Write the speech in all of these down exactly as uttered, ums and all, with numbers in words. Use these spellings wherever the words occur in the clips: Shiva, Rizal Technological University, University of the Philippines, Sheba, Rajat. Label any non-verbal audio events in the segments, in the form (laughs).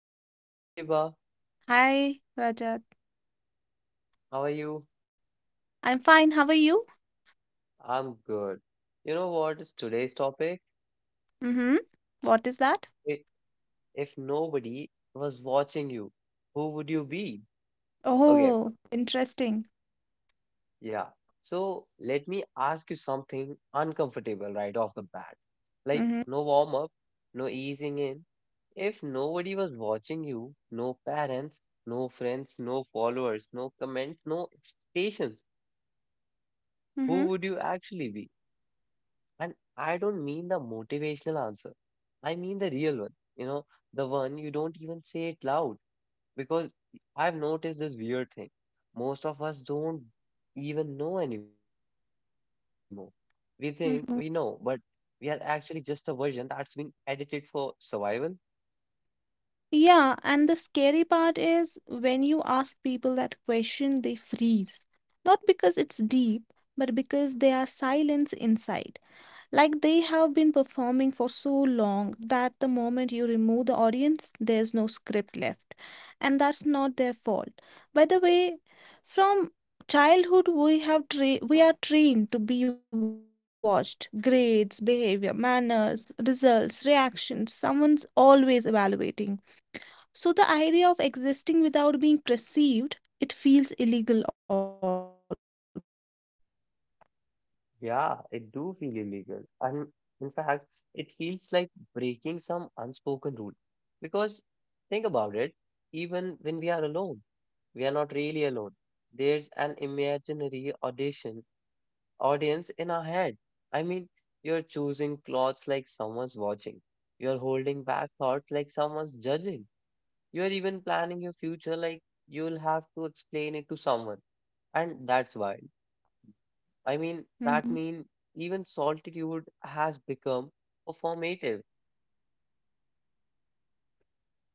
Shiva. Hey, Shiva, Hi, Rajat. how are you? I'm fine. How are you? I'm good. You know what is today's topic? Mm-hmm. What is that? I- If nobody was watching you, who would you be? Okay, Oh, interesting. yeah. So, let me ask you something uncomfortable right off the bat. Like, Mm-hmm. no warm up, no easing in. If nobody was watching you, no parents, no friends, no followers, no comments, no expectations, who would you actually Mm-hmm. be? And I don't mean the motivational answer. I mean the real one, you know, the one you don't even say it loud because I've noticed this weird thing. Most of us don't even know anymore. We think we know, but we are Mm-hmm. actually just a version that's been edited for survival. Yeah, and the scary part is when you ask people that question, they freeze. Not because it's deep, but because there are silence inside. Like they have been performing for so long that the moment you remove the audience, there's no script left. And that's not their fault. By the way, from childhood we have tra- we are trained to be watched. Grades, behavior, manners, results, reactions, someone's always evaluating. So the idea of existing without being perceived, it feels illegal almost. Yeah, it do feel illegal. And in fact, it feels like breaking some unspoken rule. Because think about it, even when we are alone, we are not really alone. There's an imaginary audition audience in our head. I mean, you're choosing clothes like someone's watching. You're holding back thoughts like someone's judging. You're even planning your future like you'll have to explain it to someone. And that's wild. I mean, that Mhm. means even solitude has become performative.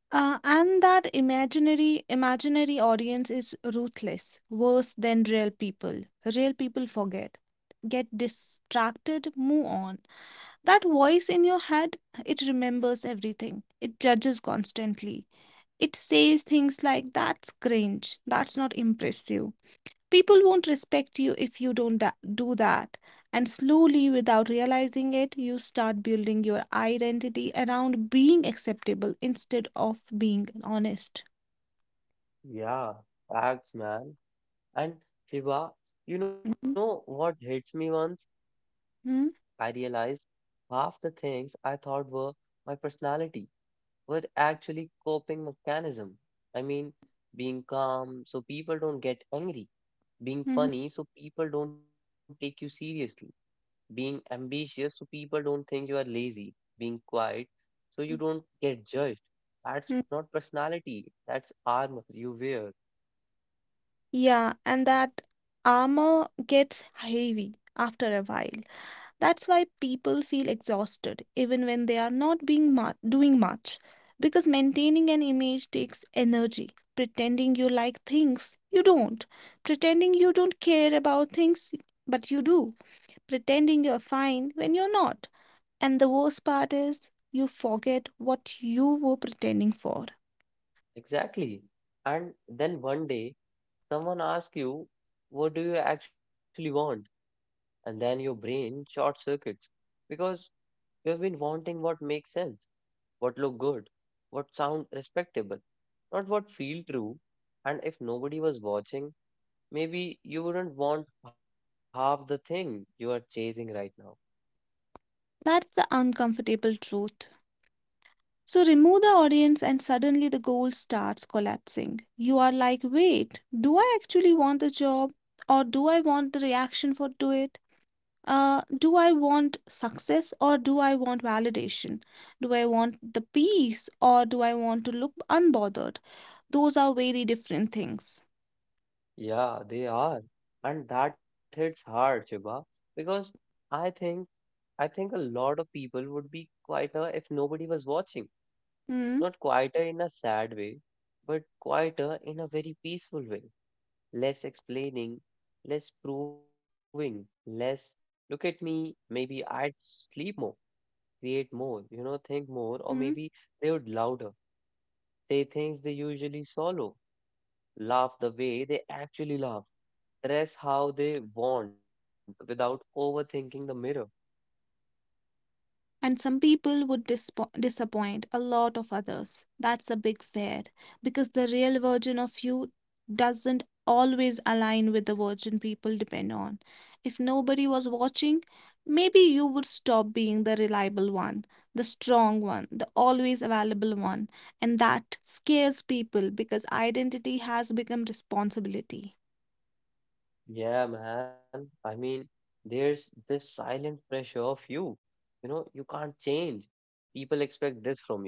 Uh, and that imaginary imaginary audience is ruthless, worse than real people. Real people forget, get distracted, move on. That voice in your head, it remembers everything. It judges constantly. It says things like, "That's cringe. That's not impressive." People won't respect you if you don't tha- do that. And slowly, without realizing it, you start building your identity around being acceptable instead of being honest. Yeah, facts, man. And Shiva, you know Mhm, what hits me once? I mhm, realized half the things I thought were my personality were actually coping mechanism. I mean, being calm so people don't get angry, being mhm. funny so people don't take you seriously, being ambitious so people don't think you are lazy, being quiet so you don't get judged. That's Mhm. not personality, that's armor you wear. Yeah, and that armor gets heavy after a while. That's why people feel exhausted even when they are not being mu- doing much because maintaining an image takes energy. Pretending you like things you don't, pretending you don't care about things but you do, pretending you're fine when you're not. And the worst part is you forget what you were pretending for. Exactly. And then one day, someone asks you, "What do you actually want?" And then your brain short circuits because you have been wanting what makes sense, what look good, what sound respectable, not what feel true. And if nobody was watching, maybe you wouldn't want half the thing you are chasing right now. That's the uncomfortable truth. So remove the audience, and suddenly the goal starts collapsing. You are like, wait, do I actually want the job? Or do I want the reaction for to it? Uh, do I want success or do I want validation? Do I want the peace or do I want to look unbothered? Those are very different things. Yeah, they are. And that hits hard, Shiba, because I think I think a lot of people would be quieter if nobody was watching. Hmm. Not quieter in a sad way, but quieter in a very peaceful way. Less explaining, less proving, less look at me, maybe I'd sleep more, create more, you Hmm. know, think more, or maybe they would louder, say things they usually swallow, laugh the way they actually laugh, dress how they want without overthinking the mirror. And some people would dispo- disappoint a lot of others. That's a big fear because the real version of you doesn't always align with the version people depend on. If nobody was watching, maybe you would stop being the reliable one, the strong one, the always available one. And that scares people because identity has become responsibility. Yeah, man. I mean, there's this silent pressure of you. You know, you can't change. People expect this from you.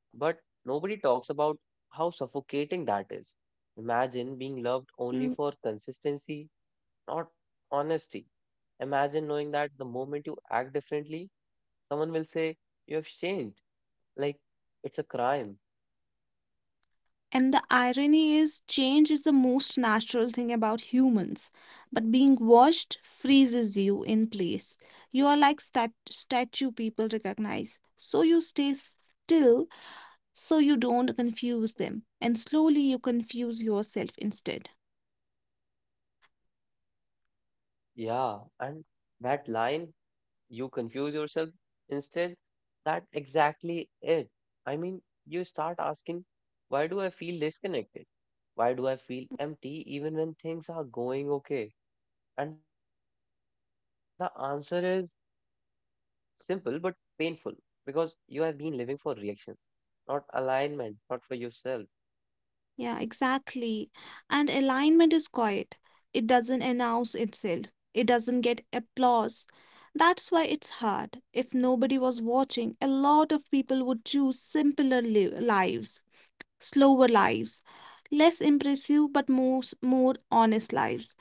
But nobody talks about how suffocating that is. Imagine being Hmm. loved only for consistency, not honesty. Imagine knowing that the moment you act differently, someone will say, "You have changed." Like, it's a crime. And the irony is, change is the most natural thing about humans, but being watched freezes you in place. You are like stat- statue people recognize, so you stay still so you don't confuse them, and slowly you confuse yourself instead. Yeah. And that line, "you confuse yourself instead," that exactly it. I mean, you start asking, "Why do I feel disconnected? Why do I feel empty even when things are going okay?" And the answer is simple but painful because you have been living for reactions, not alignment, not for yourself. Yeah, exactly. And alignment is quiet. It doesn't announce itself. It doesn't get applause. That's why it's hard. If nobody was watching, a lot of people would choose simpler li- lives, slower lives, less impressive but more s- more honest lives.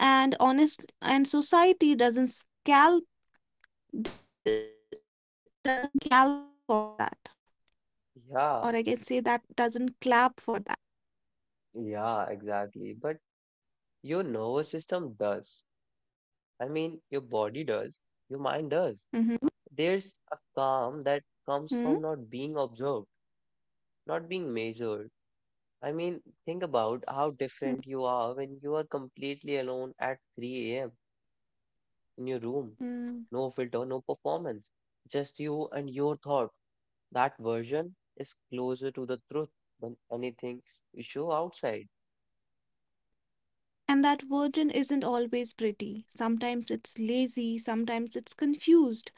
And honest and society doesn't scalp d- doesn't calp for that. Or I can say that doesn't clap Yeah, for that. yeah, exactly. But your nervous system does. I mean, your body Mm-hmm. does, your mind does. There's a Mm-hmm. calm that comes from not being observed, not being measured. I mean, think about how different you are when you are completely alone at three a m in your room. Mm-hmm. No filter, no performance, just you and your thought. That version is closer to the truth than anything you show outside. And that version isn't always pretty. Sometimes it's lazy, sometimes it's confused,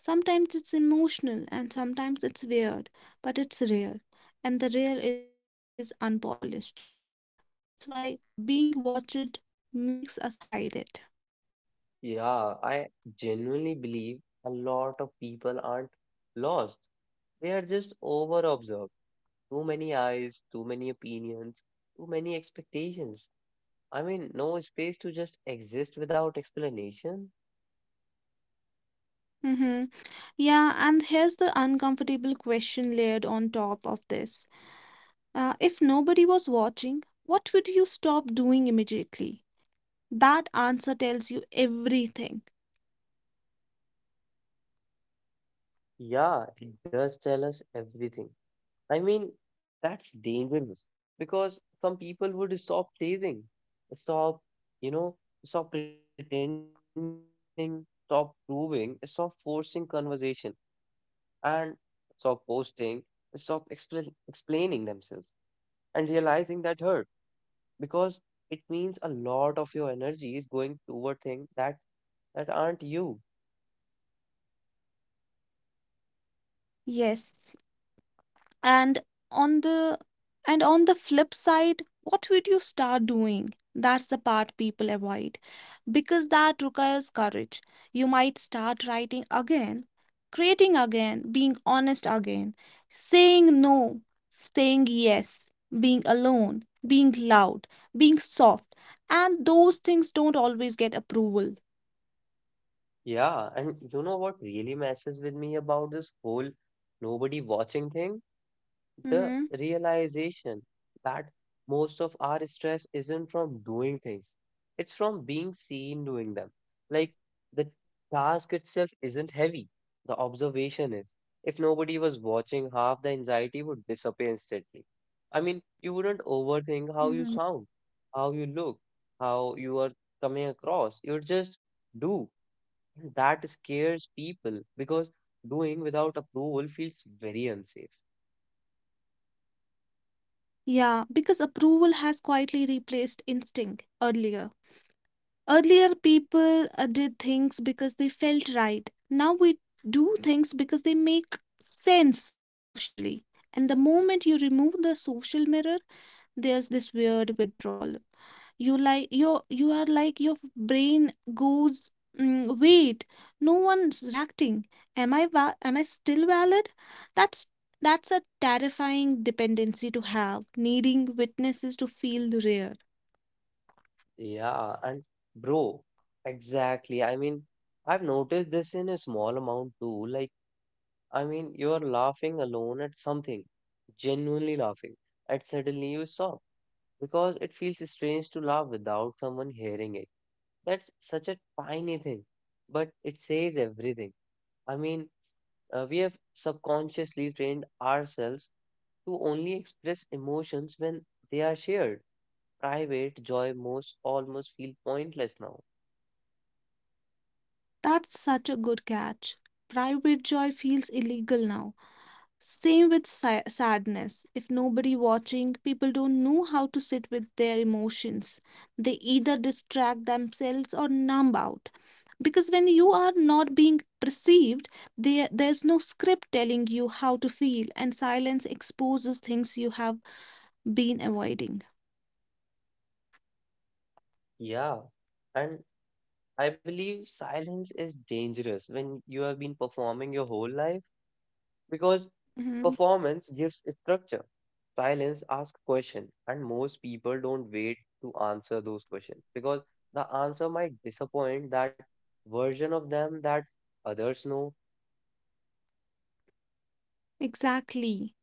sometimes it's emotional, and sometimes it's weird. But it's rare, and the rare is unpolished. That's why being watched makes us hide it. Yeah, I genuinely believe a lot of people aren't lost. They are just over observed. Too many eyes, too many opinions, too many expectations. I mean, no space to just exist without explanation. Hmm. Yeah, and here's the uncomfortable question layered on top of this. Uh, if nobody was watching, what would you stop doing immediately? That answer tells you everything. Yeah, it does tell us everything. I mean, that's dangerous because some people would stop chasing, stop, you know, stop pretending, stop proving, stop forcing conversation, and stop posting, stop explain, explaining themselves, and realizing that hurt because it means a lot of your energy is going toward things that that aren't you. Yes. And on the and on the flip side, what would you start doing? That's the part people avoid because that requires courage. You might start writing again, creating again, being honest again, saying no, saying yes, being alone, being loud, being soft. And those things don't always get approval. Yeah, and you know what really messes with me about this whole nobody watching thing? The Mm-hmm. realization that most of our stress isn't from doing things, it's from being seen doing them. Like the task itself isn't heavy, the observation is. If nobody was watching, half the anxiety would disappear instantly. I mean, you wouldn't Mm-hmm. overthink how you sound, how you look, how you are coming across. You would just do. That scares people because doing without approval feels very unsafe. Yeah, because approval has quietly replaced instinct earlier. Earlier, people uh, did things because they felt right. Now we do things because they make sense socially. And the moment you remove the social mirror, there's this weird withdrawal. You like your you are like your brain goes, "Mm, wait, no one's reacting. Am I va- am I still valid?" That's that's a terrifying dependency to have, needing witnesses to feel rare. Yeah, and bro, exactly. I mean, I've noticed this in a small amount too. Like, I mean, you're laughing alone at something, genuinely laughing, and suddenly you stop because it feels strange to laugh without someone hearing it. That's such a tiny thing, but it says everything. I mean, uh, we have subconsciously trained ourselves to only express emotions when they are shared. Private joy most almost feel pointless now. That's such a good catch. Private joy feels illegal now. Same with sa- sadness. If nobody watching, people don't know how to sit with their emotions. They either distract themselves or numb out. Because when you are not being perceived, there there's no script telling you how to feel, and silence exposes things you have been avoiding. Yeah, and I believe silence is dangerous when you have been performing your whole life because Mhm. performance gives structure. Silence asks questions, and most people don't wait to answer those questions because the answer might disappoint that version of them that others know. Exactly.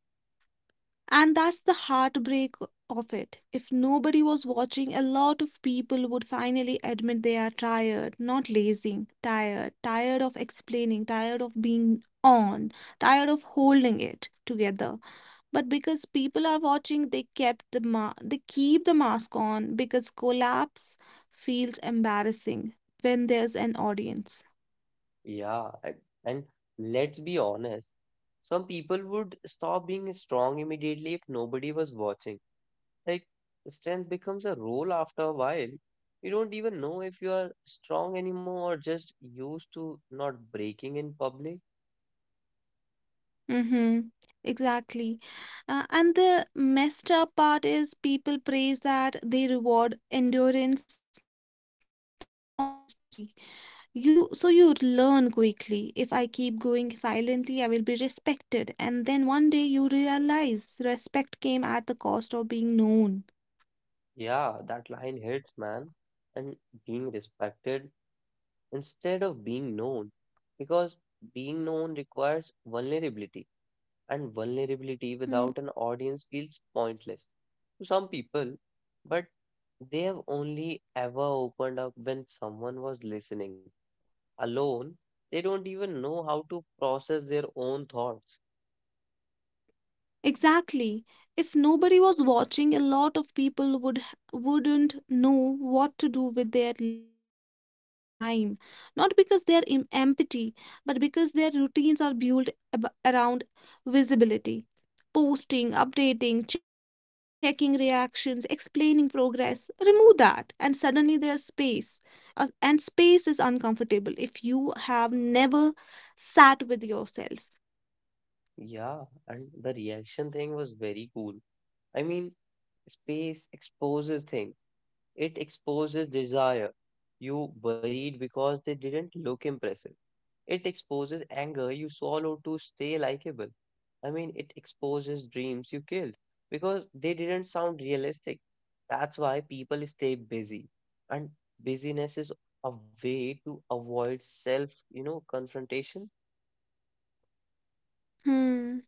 And that's the heartbreak of it. If nobody was watching, a lot of people would finally admit they are tired, not lazy, tired, tired of explaining, tired of being on, tired of holding it together. But because people are watching, they kept the ma- they keep the mask on because collapse feels embarrassing when there's an audience. Yeah, and, and let's be honest, some people would stop being strong immediately if nobody was watching. Like strength becomes a role after a while. You don't even know if you are strong anymore or just used to not breaking in public. Mm-hmm. Exactly. Uh, and the messed up part is people praise that they reward endurance, not honesty. You so you learn quickly. If I keep going silently, I will be respected. And then one day you realize respect came at the cost of being known. Yeah, that line hits, man. And being respected instead of being known. Because being known requires vulnerability, and vulnerability Hmm. without an audience feels pointless to some people, but they have only ever opened up when someone was listening. Alone, they don't even know how to process their own thoughts. Exactly. If nobody was watching, a lot of people would h- wouldn't know what to do with their l- time. Not because they're im- empty, but because their routines are built ab- around visibility. Posting, updating, checking reactions, explaining progress. Remove that, and suddenly there's space. Uh, and space is uncomfortable if you have never sat with yourself. Yeah, and the reaction thing was very cool. I mean, space exposes things, it exposes desire. You worried because they didn't look impressive. It exposes anger you swallow to stay likable. I mean, it exposes dreams you killed because they didn't sound realistic. That's why people stay busy. And busyness is a way to avoid self, you know, confrontation. Hmm.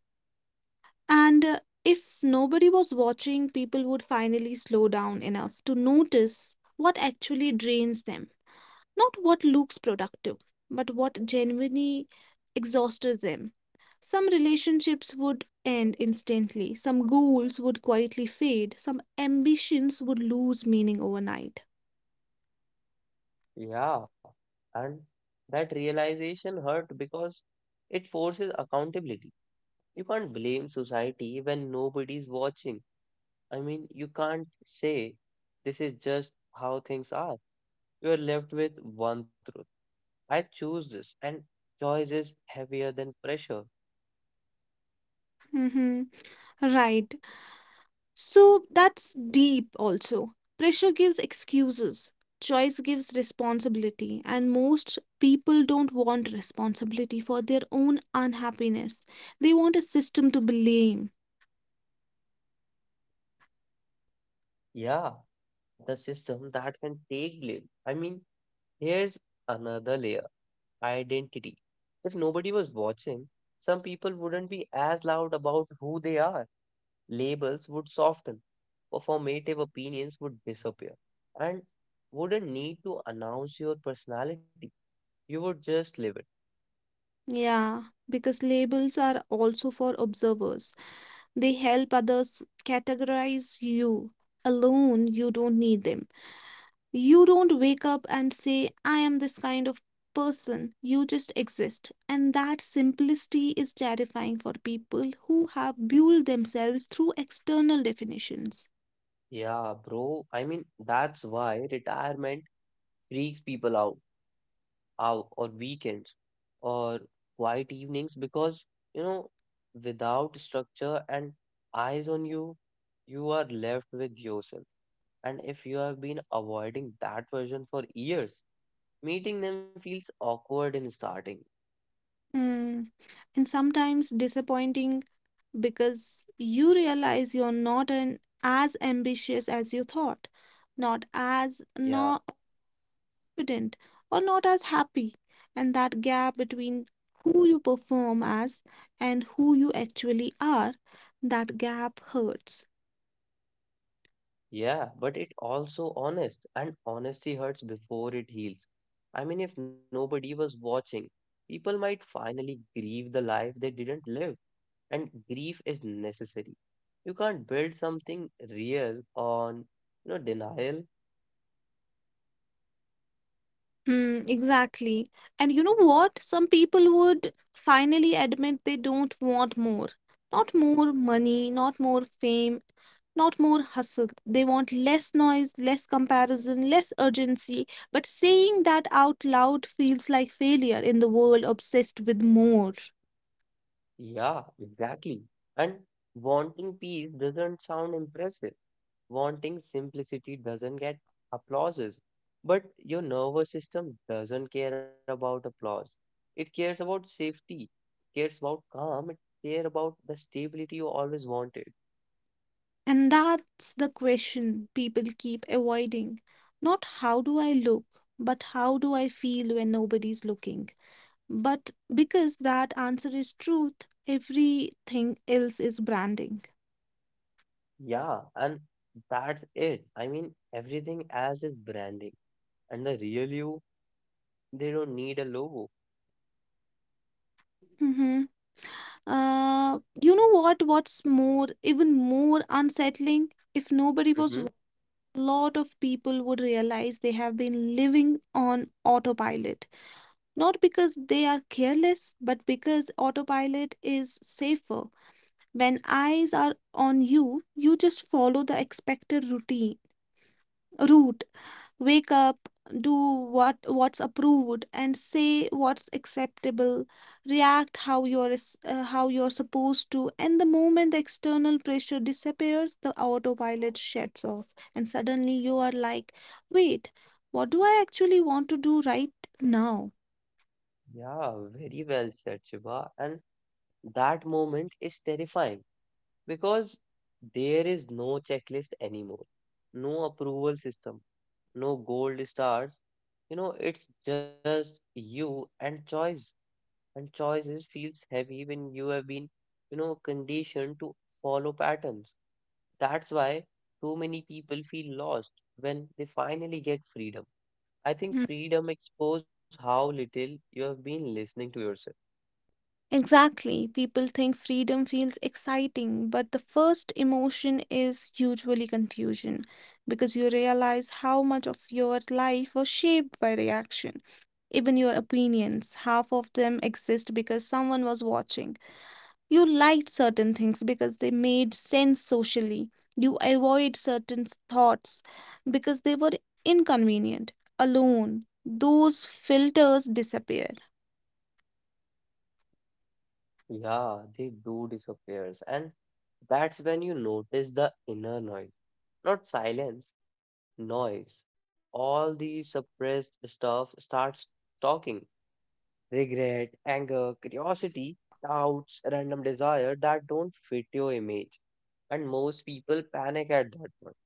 And uh, if nobody was watching, people would finally slow down enough to notice what actually drains them, not what looks productive, but what genuinely exhausts them. Some relationships would end instantly, some goals would quietly fade, some ambitions would lose meaning overnight. Yeah. And that realization hurt because it forces accountability. You can't blame society when nobody's watching. I mean, you can't say this is just how things are. You are left with one truth. I choose this, and choice is heavier than pressure. Mm-hmm. Right. So that's deep also. Pressure gives excuses, choice gives responsibility, and most people don't want responsibility for their own unhappiness. They want a system to blame. Yeah, the system that can take blame. I mean, here's another layer: identity. If nobody was watching, some people wouldn't be as loud about who they are. Labels would soften, performative opinions would disappear, and wouldn't need to announce your personality. You would just live it. Yeah, because labels are also for observers, they help others categorize you. Alone, you don't need them. You don't wake up and say, I am this kind of person. You just exist. And that simplicity is terrifying for people who have built themselves through external definitions. Yeah, bro. I mean, that's why retirement freaks people out. Out on weekends or quiet evenings because you know without structure and eyes on you, you are left with yourself, and if you have been avoiding that version for years, meeting them feels awkward in starting. Hmm. And sometimes disappointing because you realize you're not an, as ambitious as you thought, not as, Yeah, not confident or not as happy. And that gap between who you perform as and who you actually are, that gap hurts. yeah, but it also honest and honesty hurts before it heals. I mean, if nobody was watching, people might finally grieve the life they didn't live, and grief is necessary. You can't build something real on, you know, denial. Mm, exactly. And you know what? Some people would finally admit they don't want more. Not more money, not more fame, not more hustle. They want less noise, less comparison, less urgency. But saying that out loud feels like failure in the world obsessed with more. Yeah, exactly. And wanting peace doesn't sound impressive. Wanting simplicity doesn't get applauses. But your nervous system doesn't care about applause. It cares about safety. It cares about calm. It cares about the stability you always wanted. And that's the question people keep avoiding. Not how do I look, but how do I feel when nobody's looking? But because that answer is truth, everything else is branding. Yeah, and that's it. I mean, everything as is branding, and the real you, they don't need a logo. Hmm. Uh, you know what? What's more, even more unsettling, if nobody was, Hmm. wa- a lot of people would realize they have been living on autopilot. Not because they are careless, but because autopilot is safer. When eyes are on you, you just follow the expected routine route, wake up, do what what's approved and say what's acceptable, react how you're s- uh, how you're supposed to. And the moment the external pressure disappears, the autopilot shuts off, and suddenly you are like, wait, what do I actually want to do right now? Yeah, very well said, Shiva. And that moment is terrifying because there is no checklist anymore, no approval system, no gold stars. You know, it's just you and choice. And choices feels heavy when you have been, you know, conditioned to follow patterns. That's why too many people feel lost when they finally get freedom. I think Mm. freedom expose how little you have been listening to yourself. Exactly. People think freedom feels exciting, but the first emotion is usually confusion because you realize how much of your life was shaped by reaction, even your opinions. Half of them exist because someone was watching. You liked certain things because they made sense socially. You avoid certain thoughts because they were inconvenient, alone. Those filters disappear. Yeah, they do disappears, and that's when you notice the inner noise, not silence, noise. All the suppressed stuff starts talking. Regret, anger, curiosity, doubts, random desire that don't fit your image. And most people panic at that point.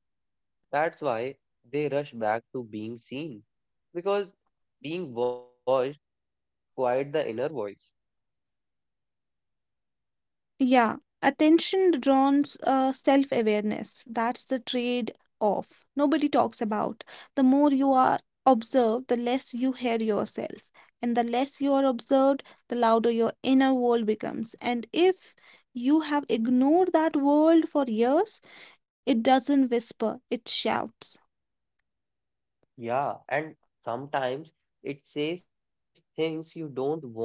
That's why they rush back to being seen. Because being watched quiet the inner voice. Yeah, attention draws uh, self-awareness. That's the trade-off nobody talks about. The more you are observed, the less you hear yourself. And the less you are observed, the louder your inner world becomes. And if you have ignored that world for years, it doesn't whisper, it shouts. Yeah, and sometimes it says things you don't want to hear.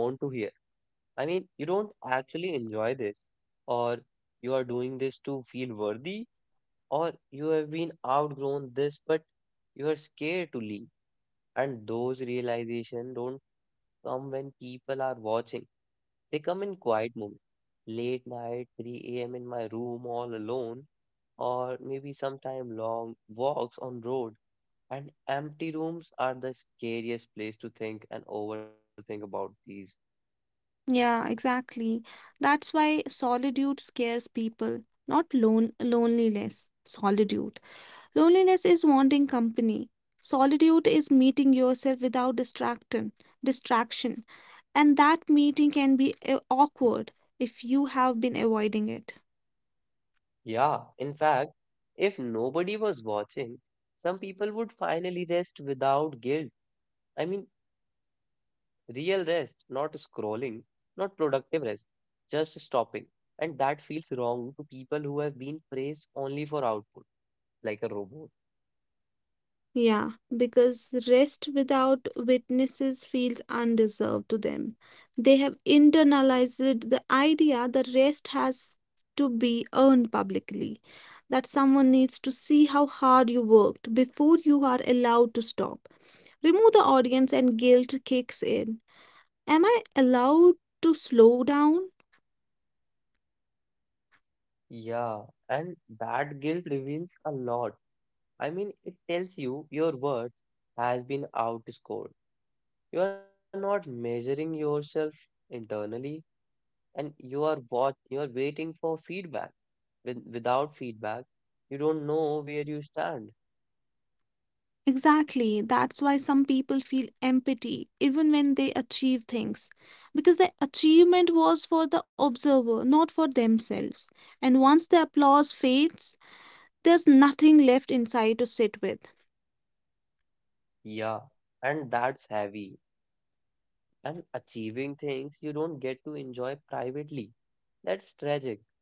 I mean, you don't actually enjoy this, or you are doing this to feel worthy, or you have been outgrown this, but you are scared to leave. And those realizations don't come when people are watching, they come in quiet moments. Late night, three a m in my room all alone, or maybe sometime long walks on road. And empty rooms are the scariest place to think and overthink about these. Yeah, exactly. That's why solitude scares people, not lone loneliness. Solitude. Loneliness is wanting company. Solitude is meeting yourself without distraction, distraction. And that meeting can be uh, awkward if you have been avoiding it. Yeah, in fact, if nobody was watching, some people would finally rest without guilt. I mean, real rest, not scrolling, not productive rest, just stopping. And that feels wrong to people who have been praised only for output, like a robot. Yeah, because rest without witnesses feels undeserved to them. They have internalized the idea that rest has to be earned publicly, that someone needs to see how hard you worked before you are allowed to stop. Remove the audience and guilt kicks in. Am I allowed to slow down? Yeah, and that guilt reveals a lot. I mean, it tells you your worth has been outscored. You are not measuring yourself internally and you are what you are waiting for feedback. With, without feedback, you don't know where you stand. Exactly. That's why some people feel empathy even when they achieve things, because the achievement was for the observer, not for themselves. And once the applause fades, there's nothing left inside to sit with. Yeah, and that's heavy. And achieving things you don't get to enjoy privately. That's tragic.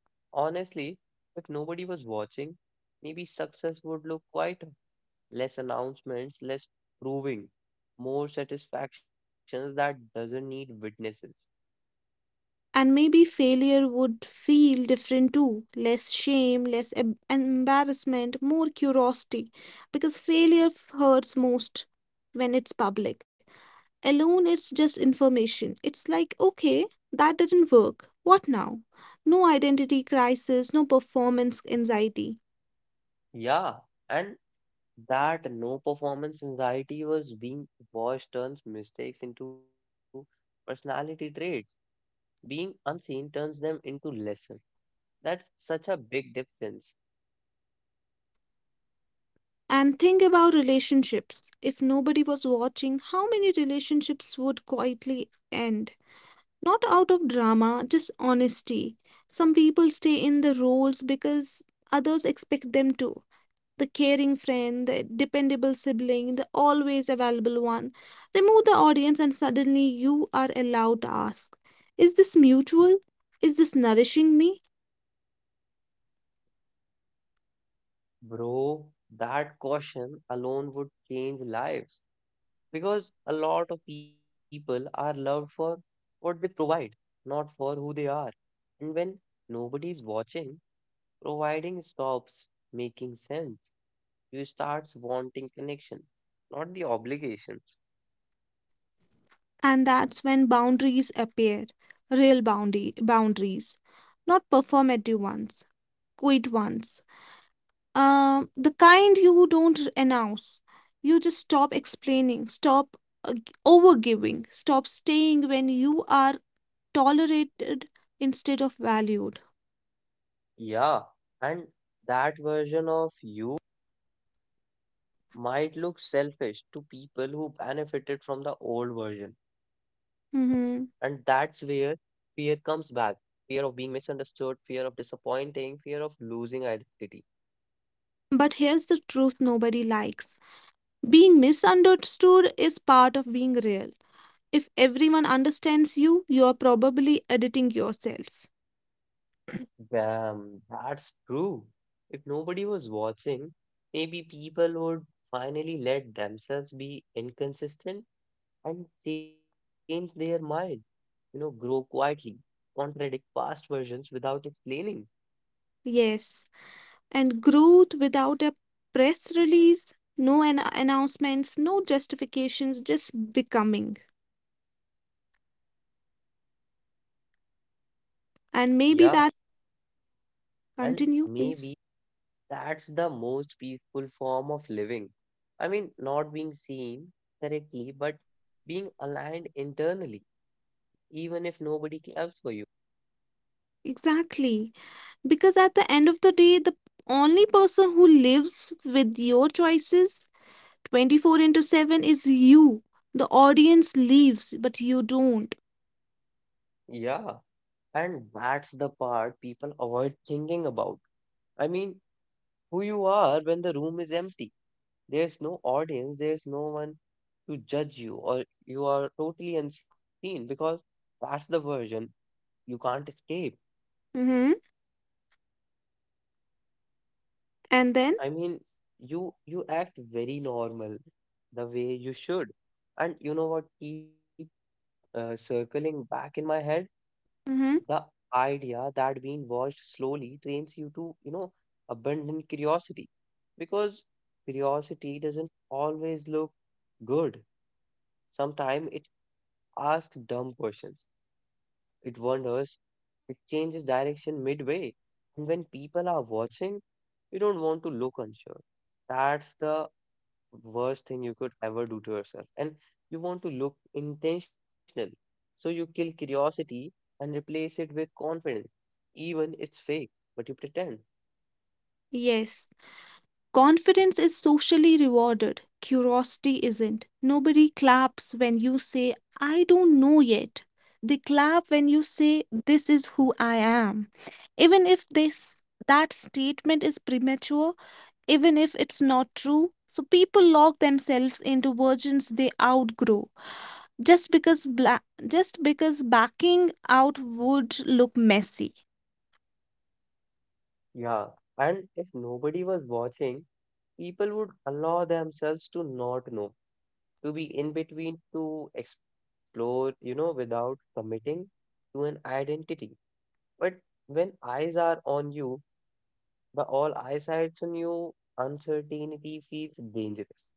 Honestly, if nobody was watching, maybe success would look quieter. Less announcements, less proving, more satisfactions that doesn't need witnesses. And maybe failure would feel different too, less shame, less em- embarrassment, more curiosity. Because failure f- hurts most when it's public. Alone, it's just information. It's like, okay, that didn't work. What now? No identity crisis, no performance anxiety. Yeah, and that no performance anxiety was being watched turns mistakes into personality traits. Being unseen turns them into lesson. That's such a big difference. And think about relationships. If nobody was watching, how many relationships would quietly end? Not out of drama, just honesty. Some people stay in the roles because others expect them to. The caring friend, the dependable sibling, the always available one. Remove the audience, and suddenly you are allowed to ask, is this mutual? Is this nourishing me? Bro, that caution alone would change lives because a lot of people are loved for what they provide, not for who they are. And when nobody is watching, providing stops making sense. You start wanting connection, not the obligation. And that's when boundaries appear, real boundary boundaries, not performative ones, quiet ones. Um, the kind you don't announce. You just stop explaining, stop uh, g- overgiving, stop staying when you are tolerated instead of valued. Yeah, and that version of you might look selfish to people who benefited from the old version. And that's where hmm fear comes back. Fear of being misunderstood, fear of disappointing, fear of losing identity. But here's the truth nobody likes: being misunderstood is part of being real. If everyone understands you, you are probably editing yourself. Damn, that's true. If nobody was watching, maybe people would finally let themselves be inconsistent and change their mind, you know, grow quietly, contradict past versions without explaining. Yes, and growth without a press release, no an- announcements, no justifications, just becoming. And maybe Yeah, that— and continue please. maybe that's the most peaceful form of living. I mean, not being seen correctly, but being aligned internally, even if nobody claps for you. Exactly, because at the end of the day, the only person who lives with your choices twenty-four into seven is you. The audience leaves, but you don't. Yeah, and that's the part people avoid thinking about. I mean, who you are when the room is empty. There's no audience, there's no one to judge you, or you are totally unseen because that's the version you can't escape. hmm and then. I mean, you you act very normal the way you should. And you know what keep uh, circling back in my head? The hmm idea that being watched slowly trains you to, you know, abandon curiosity because curiosity doesn't always look good. Sometimes it asks dumb questions. It wonders. It changes direction midway. And when people are watching, you don't want to look unsure. That's the worst thing you could ever do to yourself. And you want to look intentional. So you kill curiosity and replace it with confidence. Even it's fake, but you pretend. yes. Confidence is socially rewarded, curiosity isn't. Nobody claps when you say, I don't know yet. They clap when you say, this is who I am. Even if this that statement is premature, even if it's not true, so people lock themselves into versions they outgrow just because bla- just because backing out would look messy. Yeah. And if nobody was watching, people would allow themselves to not know, to be in between, to explore, you know, without committing to an identity. But when eyes are on you, by all eyesights on you, uncertainty feels dangerous.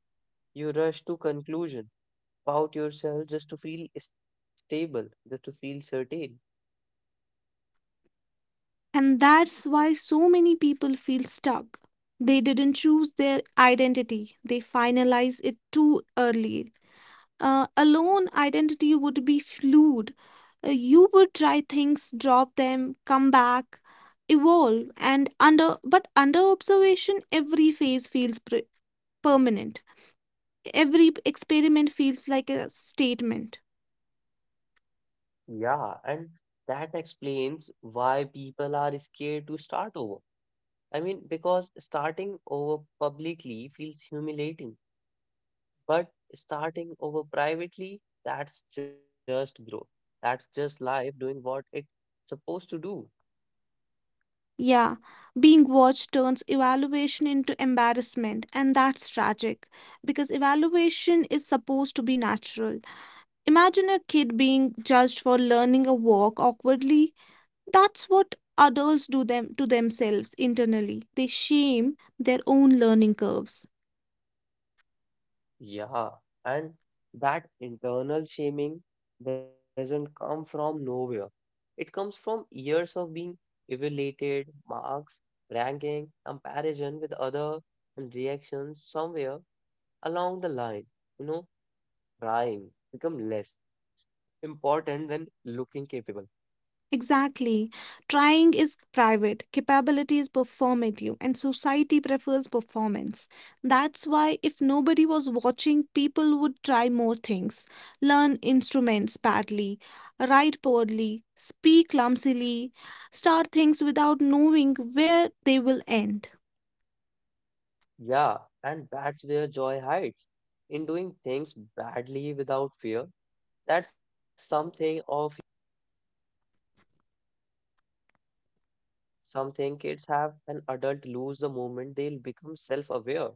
You rush to conclusion, pout yourself just to feel stable, just to feel certain. And that's why so many people feel stuck. They didn't choose their identity, they finalize it too early. Uh, alone, identity would be fluid. Uh, you would try things, drop them, come back, evolve, and under but under observation, every phase feels pre- permanent. Every experiment feels like a statement. Yeah, and that explains why people are scared to start over. I mean, because starting over publicly feels humiliating, but starting over privately, that's just growth. That's just life doing what it's supposed to do. Yeah, being watched turns evaluation into embarrassment, and that's tragic because evaluation is supposed to be natural. Imagine a kid being judged for learning a walk awkwardly. That's what adults do them to themselves internally. They shame their own learning curves. Yeah, and that internal shaming doesn't come from nowhere. It comes from years of being evaluated, marks, ranking, comparison with other and reactions somewhere along the line. You know, trying become less important than looking capable. Exactly. Trying is private, capability is performative, and society prefers performance. That's why, if nobody was watching, people would try more things, learn instruments badly, write poorly, speak clumsily, start things without knowing where they will end. Yeah, and that's where joy hides in doing things badly without fear. That's something of. Some think kids have an adult lose the moment they'll become self aware.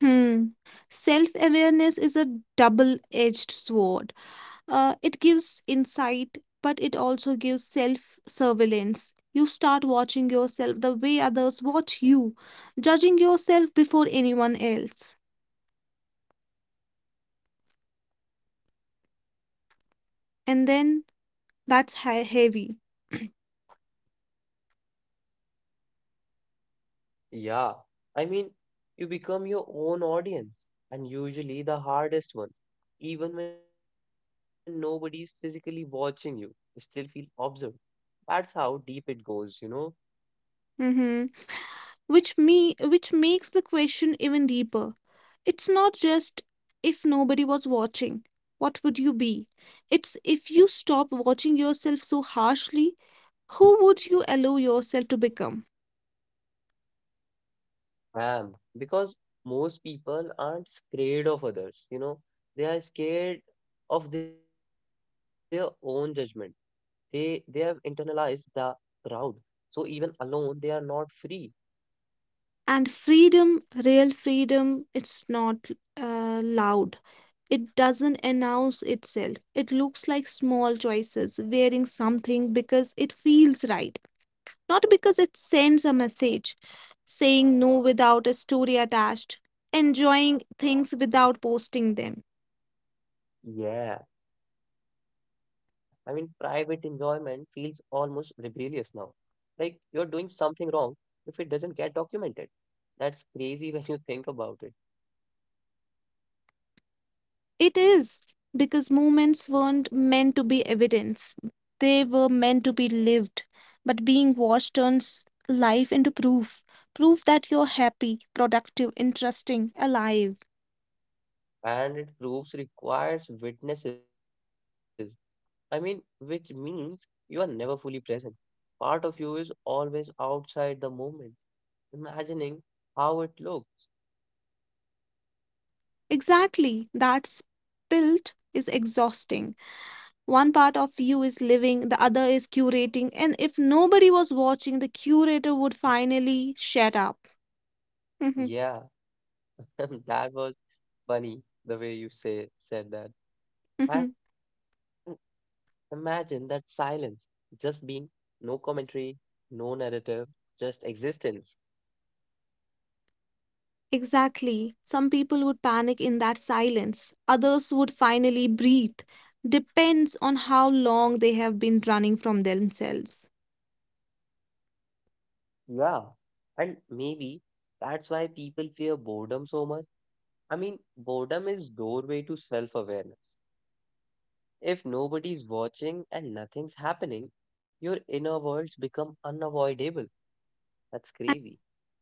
Hmm. Self awareness is a double edged sword. Uh, it gives insight, but it also gives self surveillance. You start watching yourself the way others watch you, judging yourself before anyone else. And then that's he- heavy. Yeah, I mean, you become your own audience, and usually the hardest one. Even when nobody's physically watching you, you still feel observed. That's how deep it goes, you know. Mm-hmm. which me which makes the question even deeper. It's not just, if nobody was watching, what would you be? It's, if you stop watching yourself so harshly, who would you allow yourself to become? Am because most people aren't scared of others, you know, they are scared of their own judgment. They they have internalized the crowd, so even alone they are not free. And freedom, real freedom, it's not uh, loud. It doesn't announce itself. It looks like small choices, wearing something because it feels right, not because it sends a message, saying no without a story attached, enjoying things without posting them. Yeah, I mean, private enjoyment feels almost rebellious now. Like you're doing something wrong if it doesn't get documented. That's crazy (laughs) when you think about it. It is, because movements weren't meant to be evidence, they were meant to be lived. But being watched turns life into proof, proof that you're happy, productive, interesting, alive. And it proves requires witnesses. I mean, which means you are never fully present. Part of you is always outside the moment, imagining how it looked. Exactly, that built is exhausting. One part of you is living, the other is curating, and if nobody was watching, the curator would finally shut up. (laughs) Yeah, (laughs) that was funny the way you say said that. And imagine that silence, just being, no commentary, no narrative, just existence. Exactly. Some people would panic in that silence, others would finally breathe. Depends on how long they have been running from themselves. Yeah. And maybe that's why people fear boredom so much. I mean, boredom is doorway to self-awareness. If nobody's watching and nothing's happening, your inner worlds become unavoidable. That's And crazy.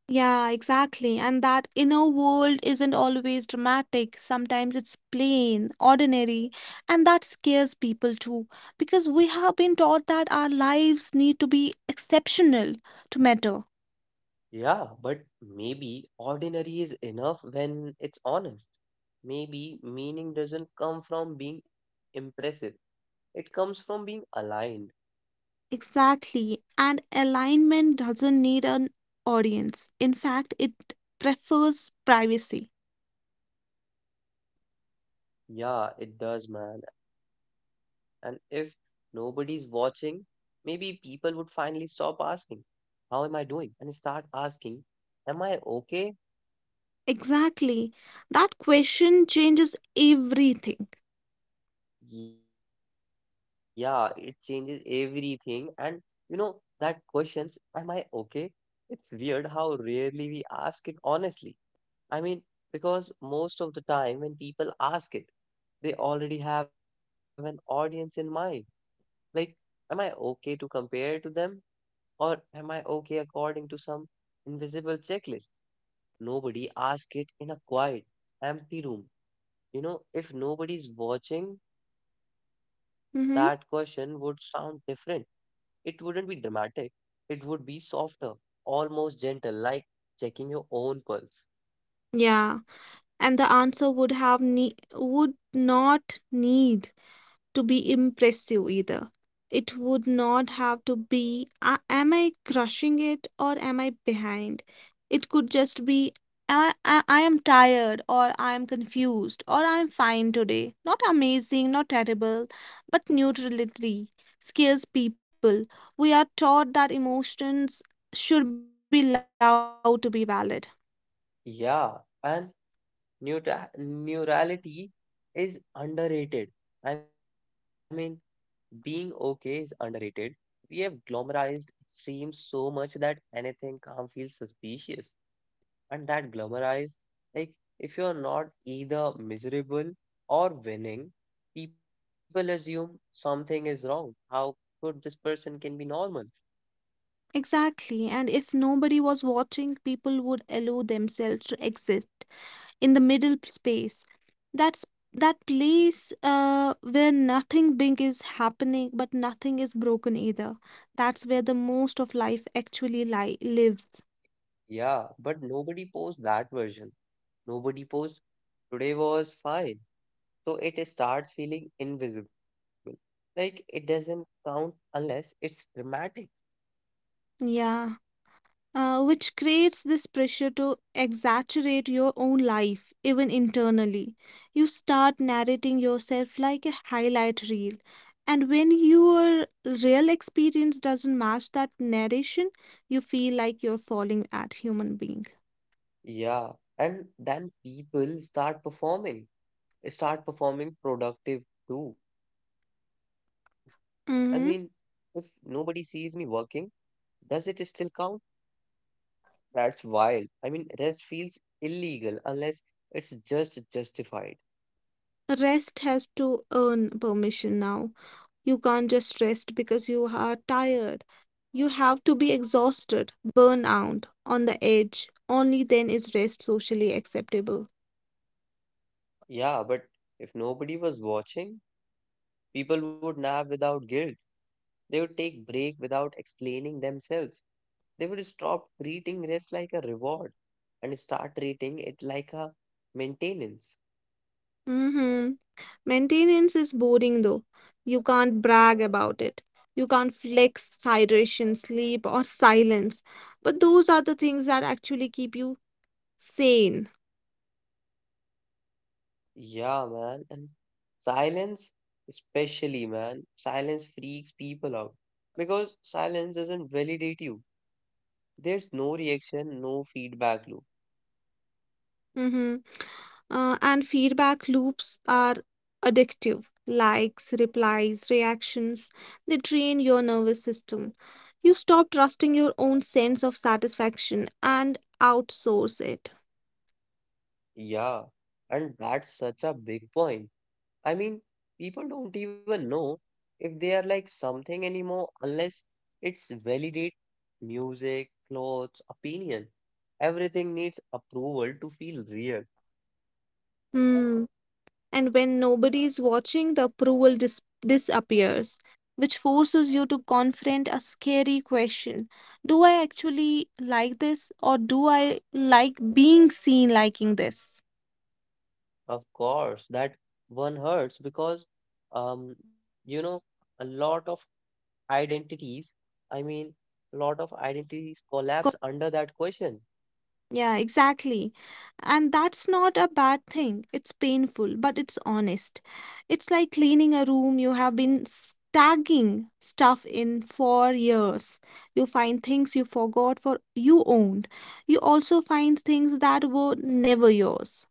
yeah, exactly. And that inner world isn't always dramatic. Sometimes it's plain, ordinary, and that scares people too. Because we have been taught that our lives need to be exceptional to matter. Yeah, but maybe ordinary is enough when it's honest. Maybe meaning doesn't come from being impressive. It comes from being aligned. Exactly. And alignment doesn't need an audience. In fact, it prefers privacy. Yeah, it does, man. And if nobody's watching, maybe people would finally stop asking, how am I doing? And start asking, am I okay? Exactly. That question changes everything. Yeah, it changes everything. And you know, that questions, am I okay? It's weird how rarely we ask it honestly. I mean, because most of the time when people ask it, they already have an audience in mind. Like, am I okay to compare to them? Or am I okay according to some invisible checklist? Nobody asks it in a quiet, empty room. You know, if nobody's watching, that question would Mm-hmm. sound different. It wouldn't be dramatic, it would be softer, almost gentle, like checking your own pulse. Yeah. And the answer would have ne- would not need to be impressive either. It would not have to be, a- am I crushing it or am I behind? It could just be, I, I, I am tired, or I am confused, or I am fine today. Not amazing, not terrible, but neutrality scares people. We are taught that emotions should be loud to be valid. Yeah, and neura- neurality is underrated. I mean, being okay is underrated. We have glamorized extremes so much that anything calm feels suspicious. And that glamorized, like, if you're not either miserable or winning, people assume something is wrong. How could this person can be normal? Exactly, and if nobody was watching, people would allow themselves to exist in the middle p- space. That's that place uh, where nothing big is happening, but nothing is broken either. That's where the most of life actually li- lives. Yeah, but nobody posts that version. Nobody posts today was fine. So it starts feeling invisible. Like it doesn't count unless it's dramatic. Yeah. uh, which creates this pressure to exaggerate your own life, even internally. You start narrating yourself like a highlight reel. And when your real experience doesn't match that narration, you feel like you're falling at human being. Yeah, and then people start performing, eh, start performing productive too. I mean, if nobody hmm sees me working, does it still count? That's wild. I mean, rest feels illegal unless it's just justified. Rest has to earn permission now. You can't just rest because you are tired. You have to be exhausted, burn out, on the edge. Only then is rest socially acceptable. Yeah, but if nobody was watching, people would nap without guilt. They would take break without explaining themselves. They would stop treating rest like a reward and start treating it like a maintenance. Mm-hmm. Maintenance is boring though. You can't brag about it. You can't flex hydration, sleep, or silence. But those are the things that actually keep you sane. Yeah, man. And silence, especially, man, silence freaks people out because silence doesn't validate you. There's no reaction, no feedback loop. Mm-hmm. Uh, and feedback loops are addictive. Likes, replies, reactions, they drain your nervous system. You stop trusting your own sense of satisfaction and outsource it. Yeah, and that's such a big point. I mean, people don't even know if they are like something anymore unless it's validate music, clothes, opinion. Everything needs approval to feel real. Hmm. And when nobody is watching, the approval dis- disappears, which forces you to confront a scary question: do I actually like this, or do I like being seen liking this? Of course, that one hurts because, um, you know, a lot of identities, I mean, a lot of identities collapse under that question. Yeah, exactly. And that's not a bad thing. It's painful, but it's honest. It's like cleaning a room you have been stacking stuff in for years. You find things you forgot for you owned. You also find things that were never yours.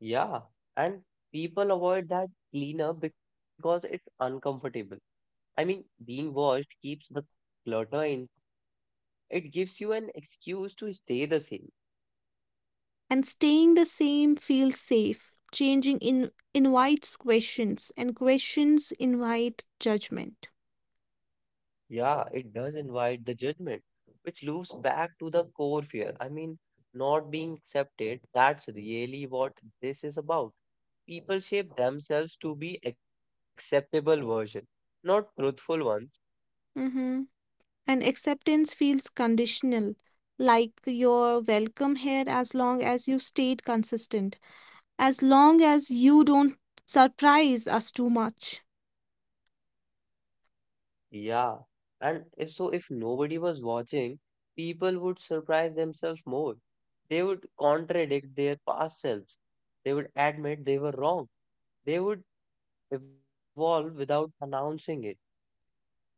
Yeah. And people avoid that cleanup because it's uncomfortable. I mean, being washed keeps the clutter in. It gives you an excuse to stay the same. And staying the same feels safe. Changing in, invites questions, and questions invite judgment. Yeah, it does invite the judgment, which loops back to the core fear. I mean, not being accepted, that's really what this is about. People shape themselves to be acceptable version, not truthful ones. Mm-hmm. And acceptance feels conditional, like you're welcome here as long as you stayed consistent, as long as you don't surprise us too much. Yeah. And if so if nobody was watching, people would surprise themselves more. They would contradict their past selves. They would admit they were wrong. They would evolve without announcing it.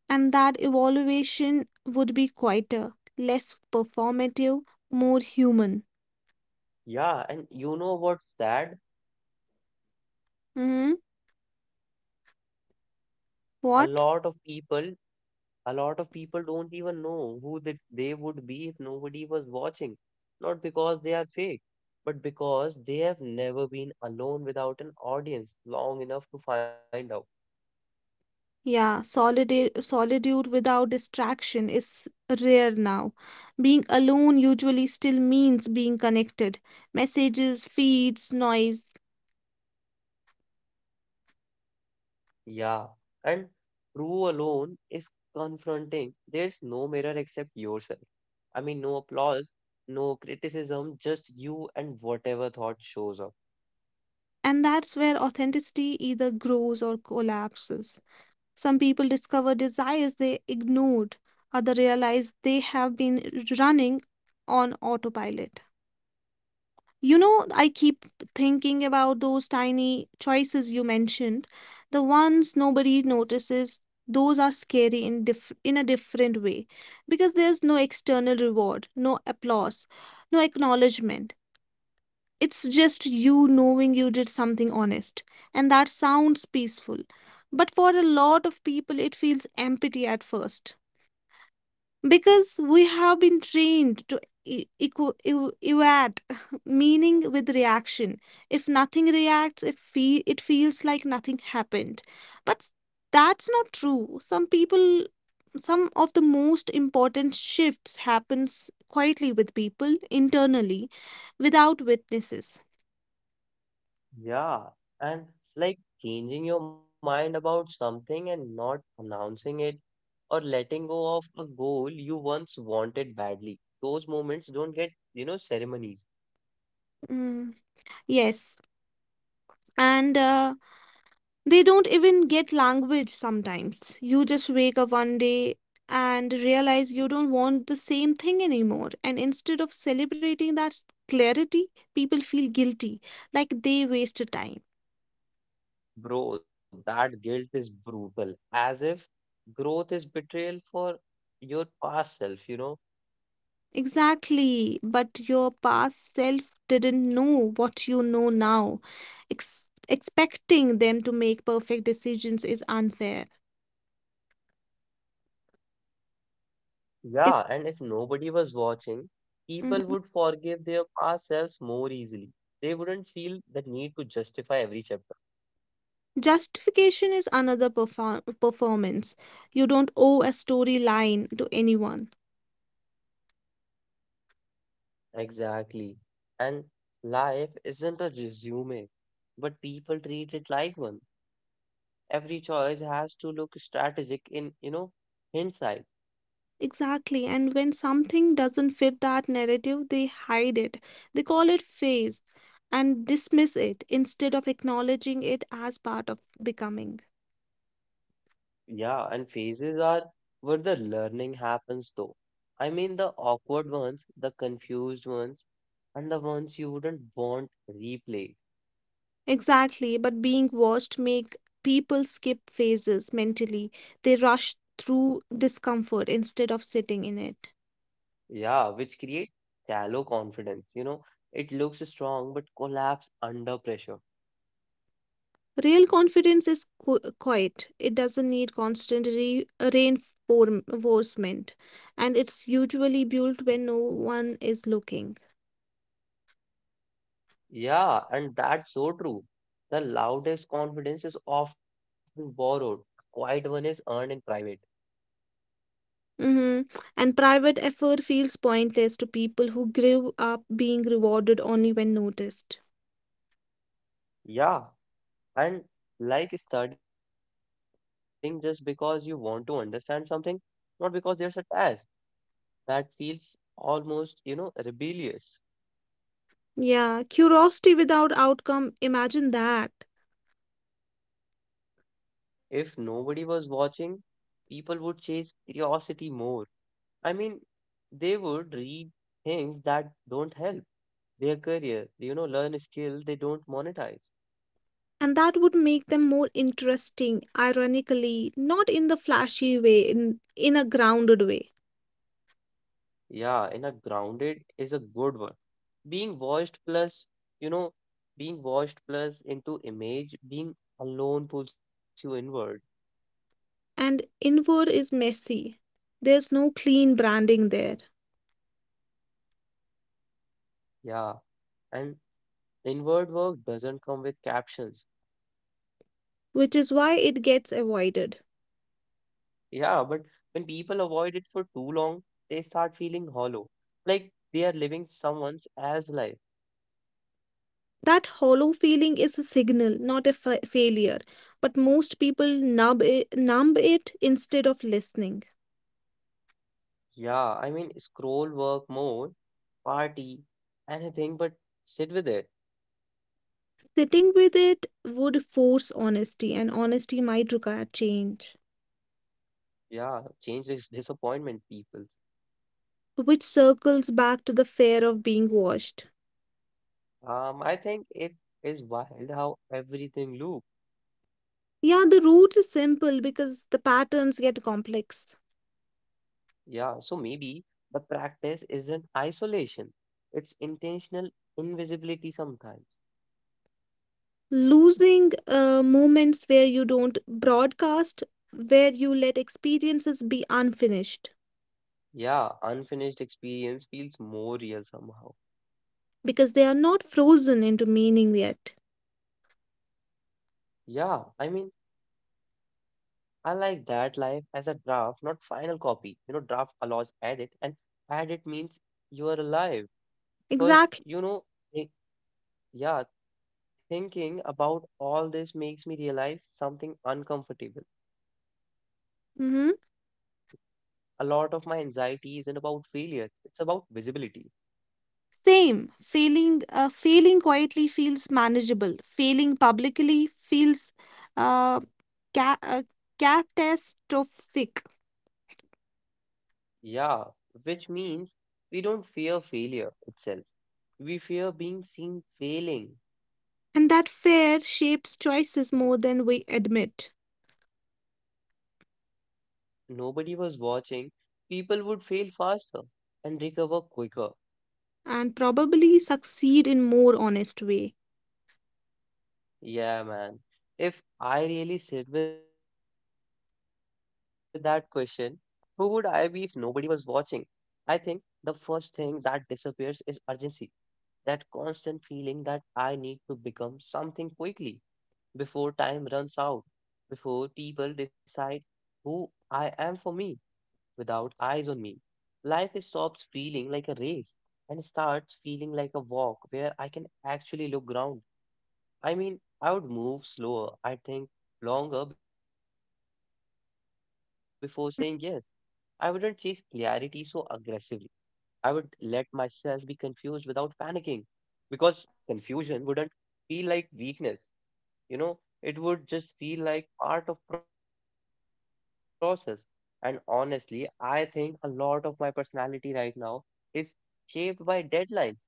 And that evaluation would be quieter, less performative, more human. Yeah, and you know what's sad? hmm a what? lot of people a lot of people don't even know who that they would be if nobody was watching, not because they are fake, but because they have never been alone without an audience long enough to find out. Yeah, solitude solitude without distraction is rare now. Being alone usually still means being connected, messages, feeds, noise. Yeah, and true alone is confronting. There's no mirror except yourself. I mean, no applause, no criticism, just you and whatever thought shows up. And that's where authenticity either grows or collapses. Some people discover desires they ignored, others realize they have been running on autopilot. You know, I keep thinking about those tiny choices you mentioned, the ones nobody notices. Those are scary in diff- in a different way, because there's no external reward, no applause, no acknowledgement. It's just you knowing you did something honest, and that sounds peaceful. But for a lot of people, it feels empty at first because we have been trained to e- equa- ev- evaluate (laughs) meaning with reaction. If nothing reacts, if fe- it feels like nothing happened. But that's not true. Some people some of the most important shifts happens quietly with people internally, without witnesses. Yeah, and like changing your mind about something and not announcing it, or letting go of a goal you once wanted badly. Those moments don't get, you know, ceremonies. Mm. Yes. And uh, they don't even get language sometimes. You just wake up one day and realize you don't want the same thing anymore. And instead of celebrating that clarity, people feel guilty, like they wasted time. Bro, that guilt is brutal, as if growth is betrayal for your past self, you know? Exactly. But your past self didn't know what you know now. Ex- expecting them to make perfect decisions is unfair. If Yeah, and if nobody was watching, people would forgive their past selves more easily. They wouldn't feel the need to justify every chapter. Justification is another perform- performance. You don't owe a storyline to anyone. Exactly. And life isn't a resume, but people treat it like one. Every choice has to look strategic in, you know, hindsight. Exactly. And when something doesn't fit that narrative, they hide it. They call it phase and dismiss it instead of acknowledging it as part of becoming. Yeah, and phases are where the learning happens, though. I mean, the awkward ones, the confused ones, and the ones you wouldn't want replayed. Exactly. But being watched make people skip phases mentally. They rush through discomfort instead of sitting in it. Yeah, which create shallow confidence. You know, it looks strong but collapse under pressure. Real confidence is qu- quiet. It doesn't need constant re- reinforcement, and it's usually built when no one is looking. Yeah, and that's so true. The loudest confidence is often borrowed, quiet one is earned in private. Mhm. And private effort feels pointless to people who grew up being rewarded only when noticed. Yeah, and like studying just because you want to understand something, not because there's a test. That feels almost, you know, rebellious. Yeah, curiosity without outcome, imagine that. If nobody was watching, people would chase curiosity more. I mean, they would read things that don't help their career, you know, learn a skill they don't monetize. And that would make them more interesting, ironically, not in the flashy way, in, in a grounded way. Yeah, in a grounded is a good one. Being washed plus, you know, being washed plus into image, being alone pulls you inward. And inward is messy. There's no clean branding there, Yeah, and inward work doesn't come with captions. which is why it gets avoided. Yeah, but when people avoid it for too long, they start feeling hollow, like they are living someone else's life. That hollow feeling is a signal, not a fa- failure. But most people numb it, numb it instead of listening. Yeah, I mean, scroll work more, party, anything, but sit with it. Sitting with it would force honesty, and honesty might require change, Yeah, change is disappointment, people. which circles back to the fear of being washed. Um, I think it is wild how everything loop. Yeah, the root is simple because the patterns get complex. Yeah, so maybe the practice isn't isolation. It's intentional invisibility sometimes. Losing uh, moments where you don't broadcast, where you let experiences be unfinished Yeah, unfinished experience feels more real somehow. because they are not frozen into meaning yet. Yeah, I mean, I like that life as a draft, not final copy. You know, draft allows edit, and edit means you are alive. Because, Exactly. you know, thi- yeah, thinking about all this makes me realize something uncomfortable. A lot of my Mm-hmm. anxiety isn't about failure, it's about visibility. Same. Failing, uh, failing quietly feels manageable. Failing publicly feels uh, ca- uh, catastrophic. Yeah, which means we don't fear failure itself. We fear being seen failing. And that fear shapes choices more than we admit, Yeah, if nobody was watching, people would fail faster and recover quicker. and probably succeed in more honest way. Yeah, man. If I really sit with that question, who would I be if nobody was watching? I think the first thing that disappears is urgency, that constant feeling that I need to become something quickly before time runs out, before people decide who I am for me without eyes on me. Life stops feeling like a race and starts feeling like a walk where I can actually look ground. I mean, I would move slower, I think longer before saying yes. I wouldn't chase clarity so aggressively. I would let myself be confused without panicking because confusion wouldn't feel like weakness. you know it would just feel like part of process. And honestly, I think a lot of my personality right now is shaped by deadlines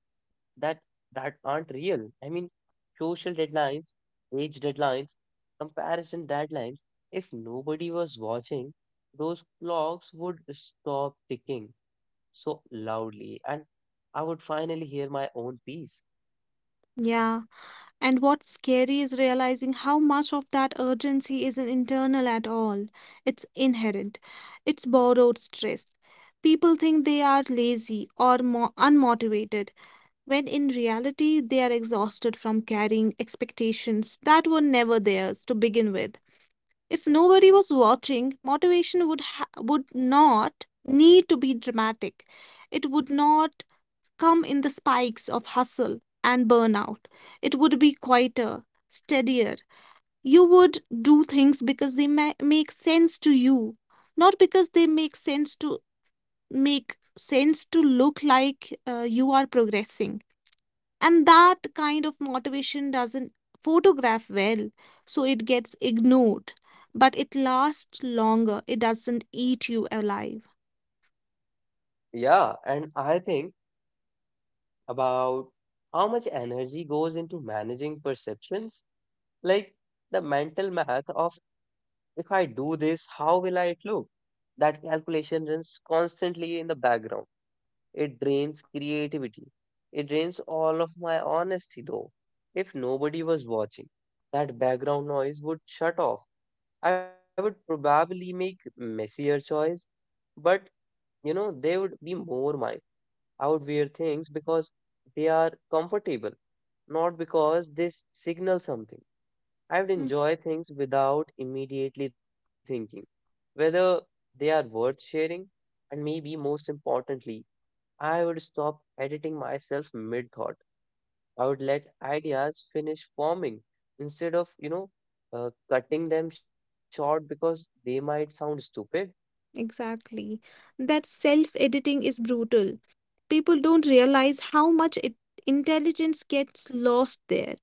that that aren't real. I mean, social deadlines, age deadlines, comparison deadlines. If nobody was watching, those clocks would stop ticking so loudly, and I would finally hear my own piece. Yeah. And what's scary is realizing how much of that urgency isn't internal at all. It's inherent, it's borrowed stress. People think they are lazy or mo- unmotivated, when in reality, they are exhausted from carrying expectations that were never theirs to begin with. If nobody was watching, motivation would, ha- would not need to be dramatic. It would not come in the spikes of hustle and burnout. It would be quieter, steadier. You would do things because they ma- make sense to you, not because they make sense to make sense to look like uh, you are progressing. And that kind of motivation doesn't photograph well, so it gets ignored. But it lasts longer, it doesn't eat you alive. Yeah, and I think about how much energy goes into managing perceptions, like the mental math of, if I do this, how will I look? That calculation runs constantly in the background. It drains creativity. It drains all of my honesty, though. If nobody was watching, that background noise would shut off. I would probably make messier choice, but you know, they would be more mine. Outwear things because they are comfortable, not because they s- signal something. I would Mm, enjoy things without immediately thinking whether they are worth sharing, and maybe most importantly, I would stop editing myself mid thought. I would let ideas finish forming instead of, you know, uh, cutting them short because they might sound stupid. exactly. That self-editing is brutal. People don't realize how much it, intelligence gets lost there,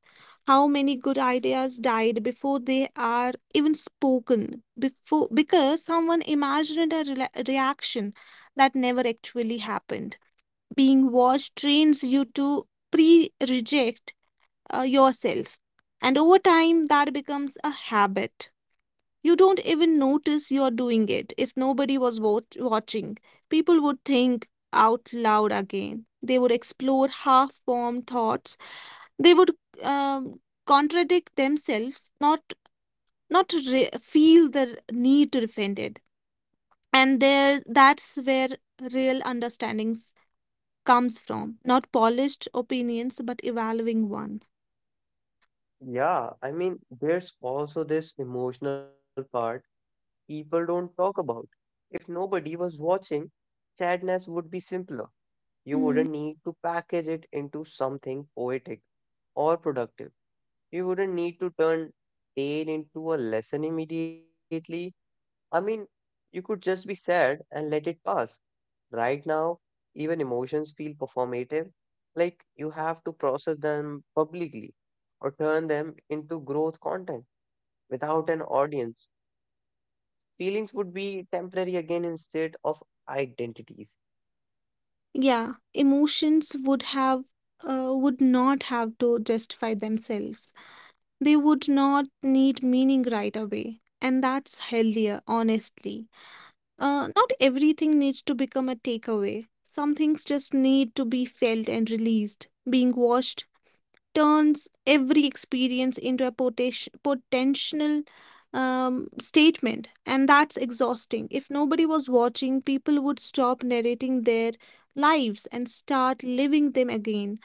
how many good ideas died before they are even spoken, before because someone imagined a rela reaction that never actually happened. Being watched trains you to pre reject uh, yourself. And over time, that becomes a habit. You don't even notice you're doing it. If nobody was wat- watching, people would think out loud again. They would explore half formed thoughts. They would um, contradict themselves, not not re- feel the need to defend it. And there, that's where real understandings comes from, not polished opinions, but evolving one. Yeah, I mean, there's also this emotional part people don't talk about. If nobody was watching, sadness would be simpler. You wouldn't Mm, need to package it into something poetic or productive. You wouldn't need to turn pain into a lesson immediately. I mean, you could just be sad and let it pass. Right now, even emotions feel performative, like you have to process them publicly or turn them into growth content. Without an audience, feelings would be temporary again instead of identities. yeah, emotions would have uh, would not have to justify themselves. They would not need meaning right away, and that's healthier, honestly. Uh, not everything needs to become a takeaway. Some things just need to be felt and released. Being watched turns every experience into a potas- potential um, statement, and that's exhausting. If nobody was watching, people would stop narrating their lives and start living them again.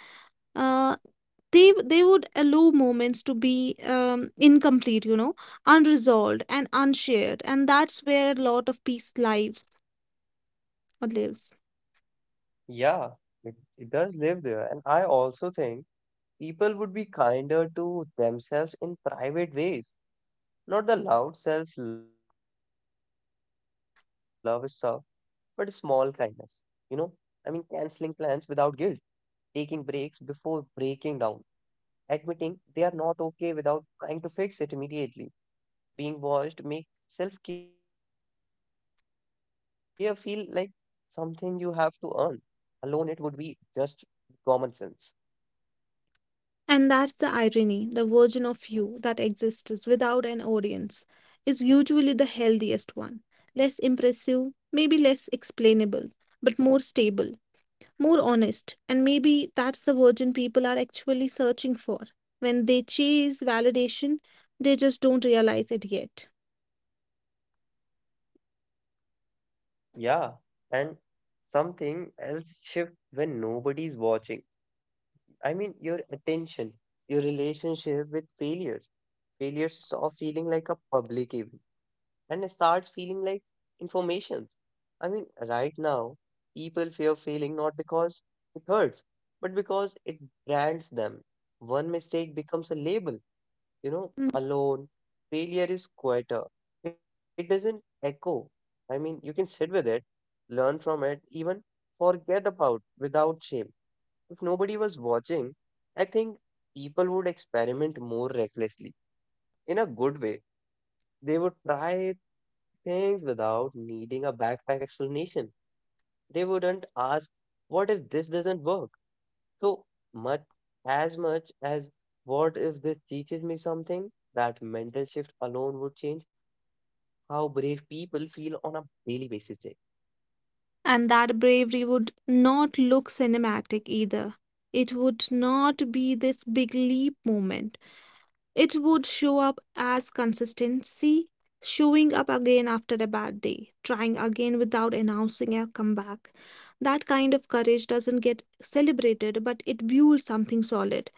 Uh, they, they would allow moments to be um, incomplete, you know, unresolved and unshared, and that's where a lot of peace lies or lives. Yeah, it, it does live there. And I also think people would be kinder to themselves in private ways, not the loud self-love stuff, but small kindness. You know, I mean, canceling plans without guilt, taking breaks before breaking down, admitting they are not okay without trying to fix it immediately. Being watched make self-care feel like something you have to earn. Alone, it would be just common sense. And that's the irony, the version of you that exists without an audience is usually the healthiest one. Less impressive, maybe less explainable, but more stable, more honest, and maybe that's the version people are actually searching for. When they chase validation, they just don't realize it yet. Yeah, and something else shift when nobody's watching. I mean, your attention, your relationship with failures. Failures stop feeling like a public event and it starts feeling like information. I mean, right now, people fear failing not because it hurts, but because it brands them. One mistake becomes a label, you know, Mm. alone. Failure is quieter. It doesn't echo. I mean, you can sit with it, learn from it, even forget about without shame. If nobody was watching, I think people would experiment more recklessly, in a good way. They would try things without needing a backpack explanation. They wouldn't ask, what if this doesn't work? So much, as much as, what if this teaches me something? That mental shift alone would change how brave people feel on a daily basis. Jay. And that bravery would not look cinematic either. It would not be this big leap moment. It would show up as consistency, showing up again after a bad day, trying again without announcing a comeback. That kind of courage doesn't get celebrated, but it builds something solid.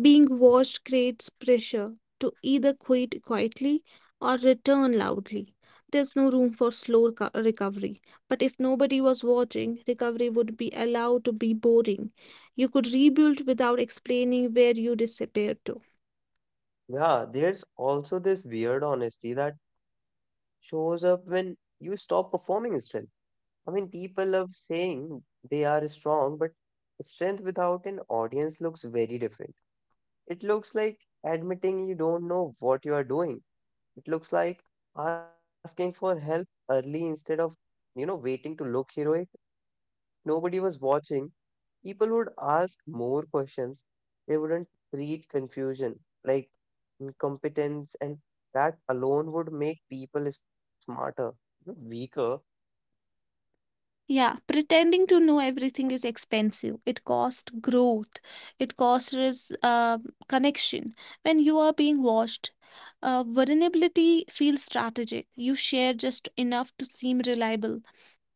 Being watched creates pressure to either quit quietly or return loudly. There's no room for slow reco- recovery. But if nobody was watching, recovery would be allowed to be boring. You could rebuild without explaining where you disappeared to. Yeah, there's also this weird honesty that shows up when you stop performing stress. I mean, people love saying they are strong, but strength without an audience looks very different. It looks like admitting you don't know what you are doing. It looks like asking for help early instead of, you know, waiting to look heroic. Nobody was watching. People would ask more questions. They wouldn't treat confusion like incompetence, and that alone would make people smarter, not weaker. Yeah, pretending to know everything is expensive. It costs growth. It costs res- um connection. When you are being watched, uh, vulnerability feels strategic. You share just enough to seem reliable,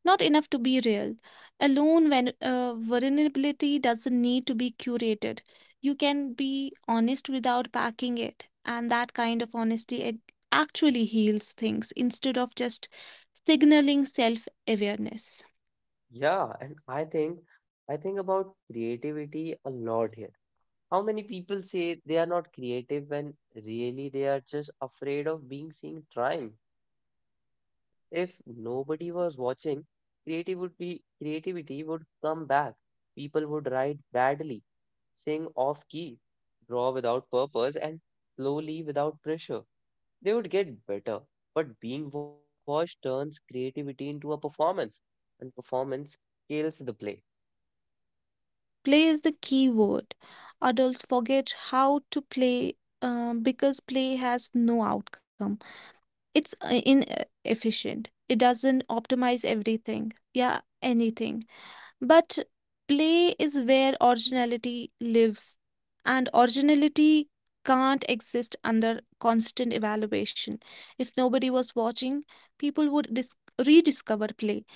not enough to be real. Alone, when uh, vulnerability doesn't need to be curated, you can be honest without packing it, and that kind of honesty ac- actually heals things instead of just signaling self awareness. Yeah, and I think I think about creativity a lot here. How many people say they are not creative when really they are just afraid of being seen trying? If nobody was watching, creative would be creativity would come back. People would write badly, sing off key, draw without purpose, and slowly, without pressure, they would get better. But being watched turns creativity into a performance, and performance kills the play. Play is the key word. Adults forget how to play uh, because play has no outcome. It's uh, inefficient. It doesn't optimize everything. Yeah, anything. But play is where originality lives, and originality can't exist under constant evaluation. If nobody was watching, people would dis- rediscover play,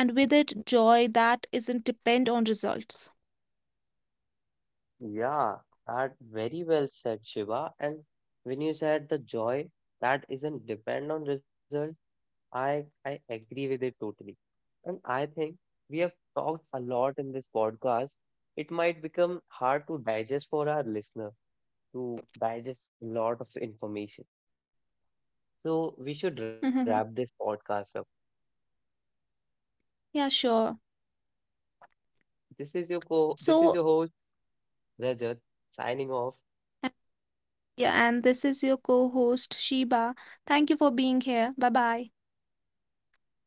and with it, joy that isn't depend on results. Yeah, that very well said, Shiva. And when you said the joy that isn't depend on result, I I agree with it totally. And I think we have talked a lot in this podcast. It might become hard to digest for our listener to digest a lot of information. So Mhm. we should wrap this podcast up. Yeah, sure. This is your co this So, is your host Rajat, signing off. yeah, and this is your co host, Sheba. Thank you for being here. Bye bye. Bye.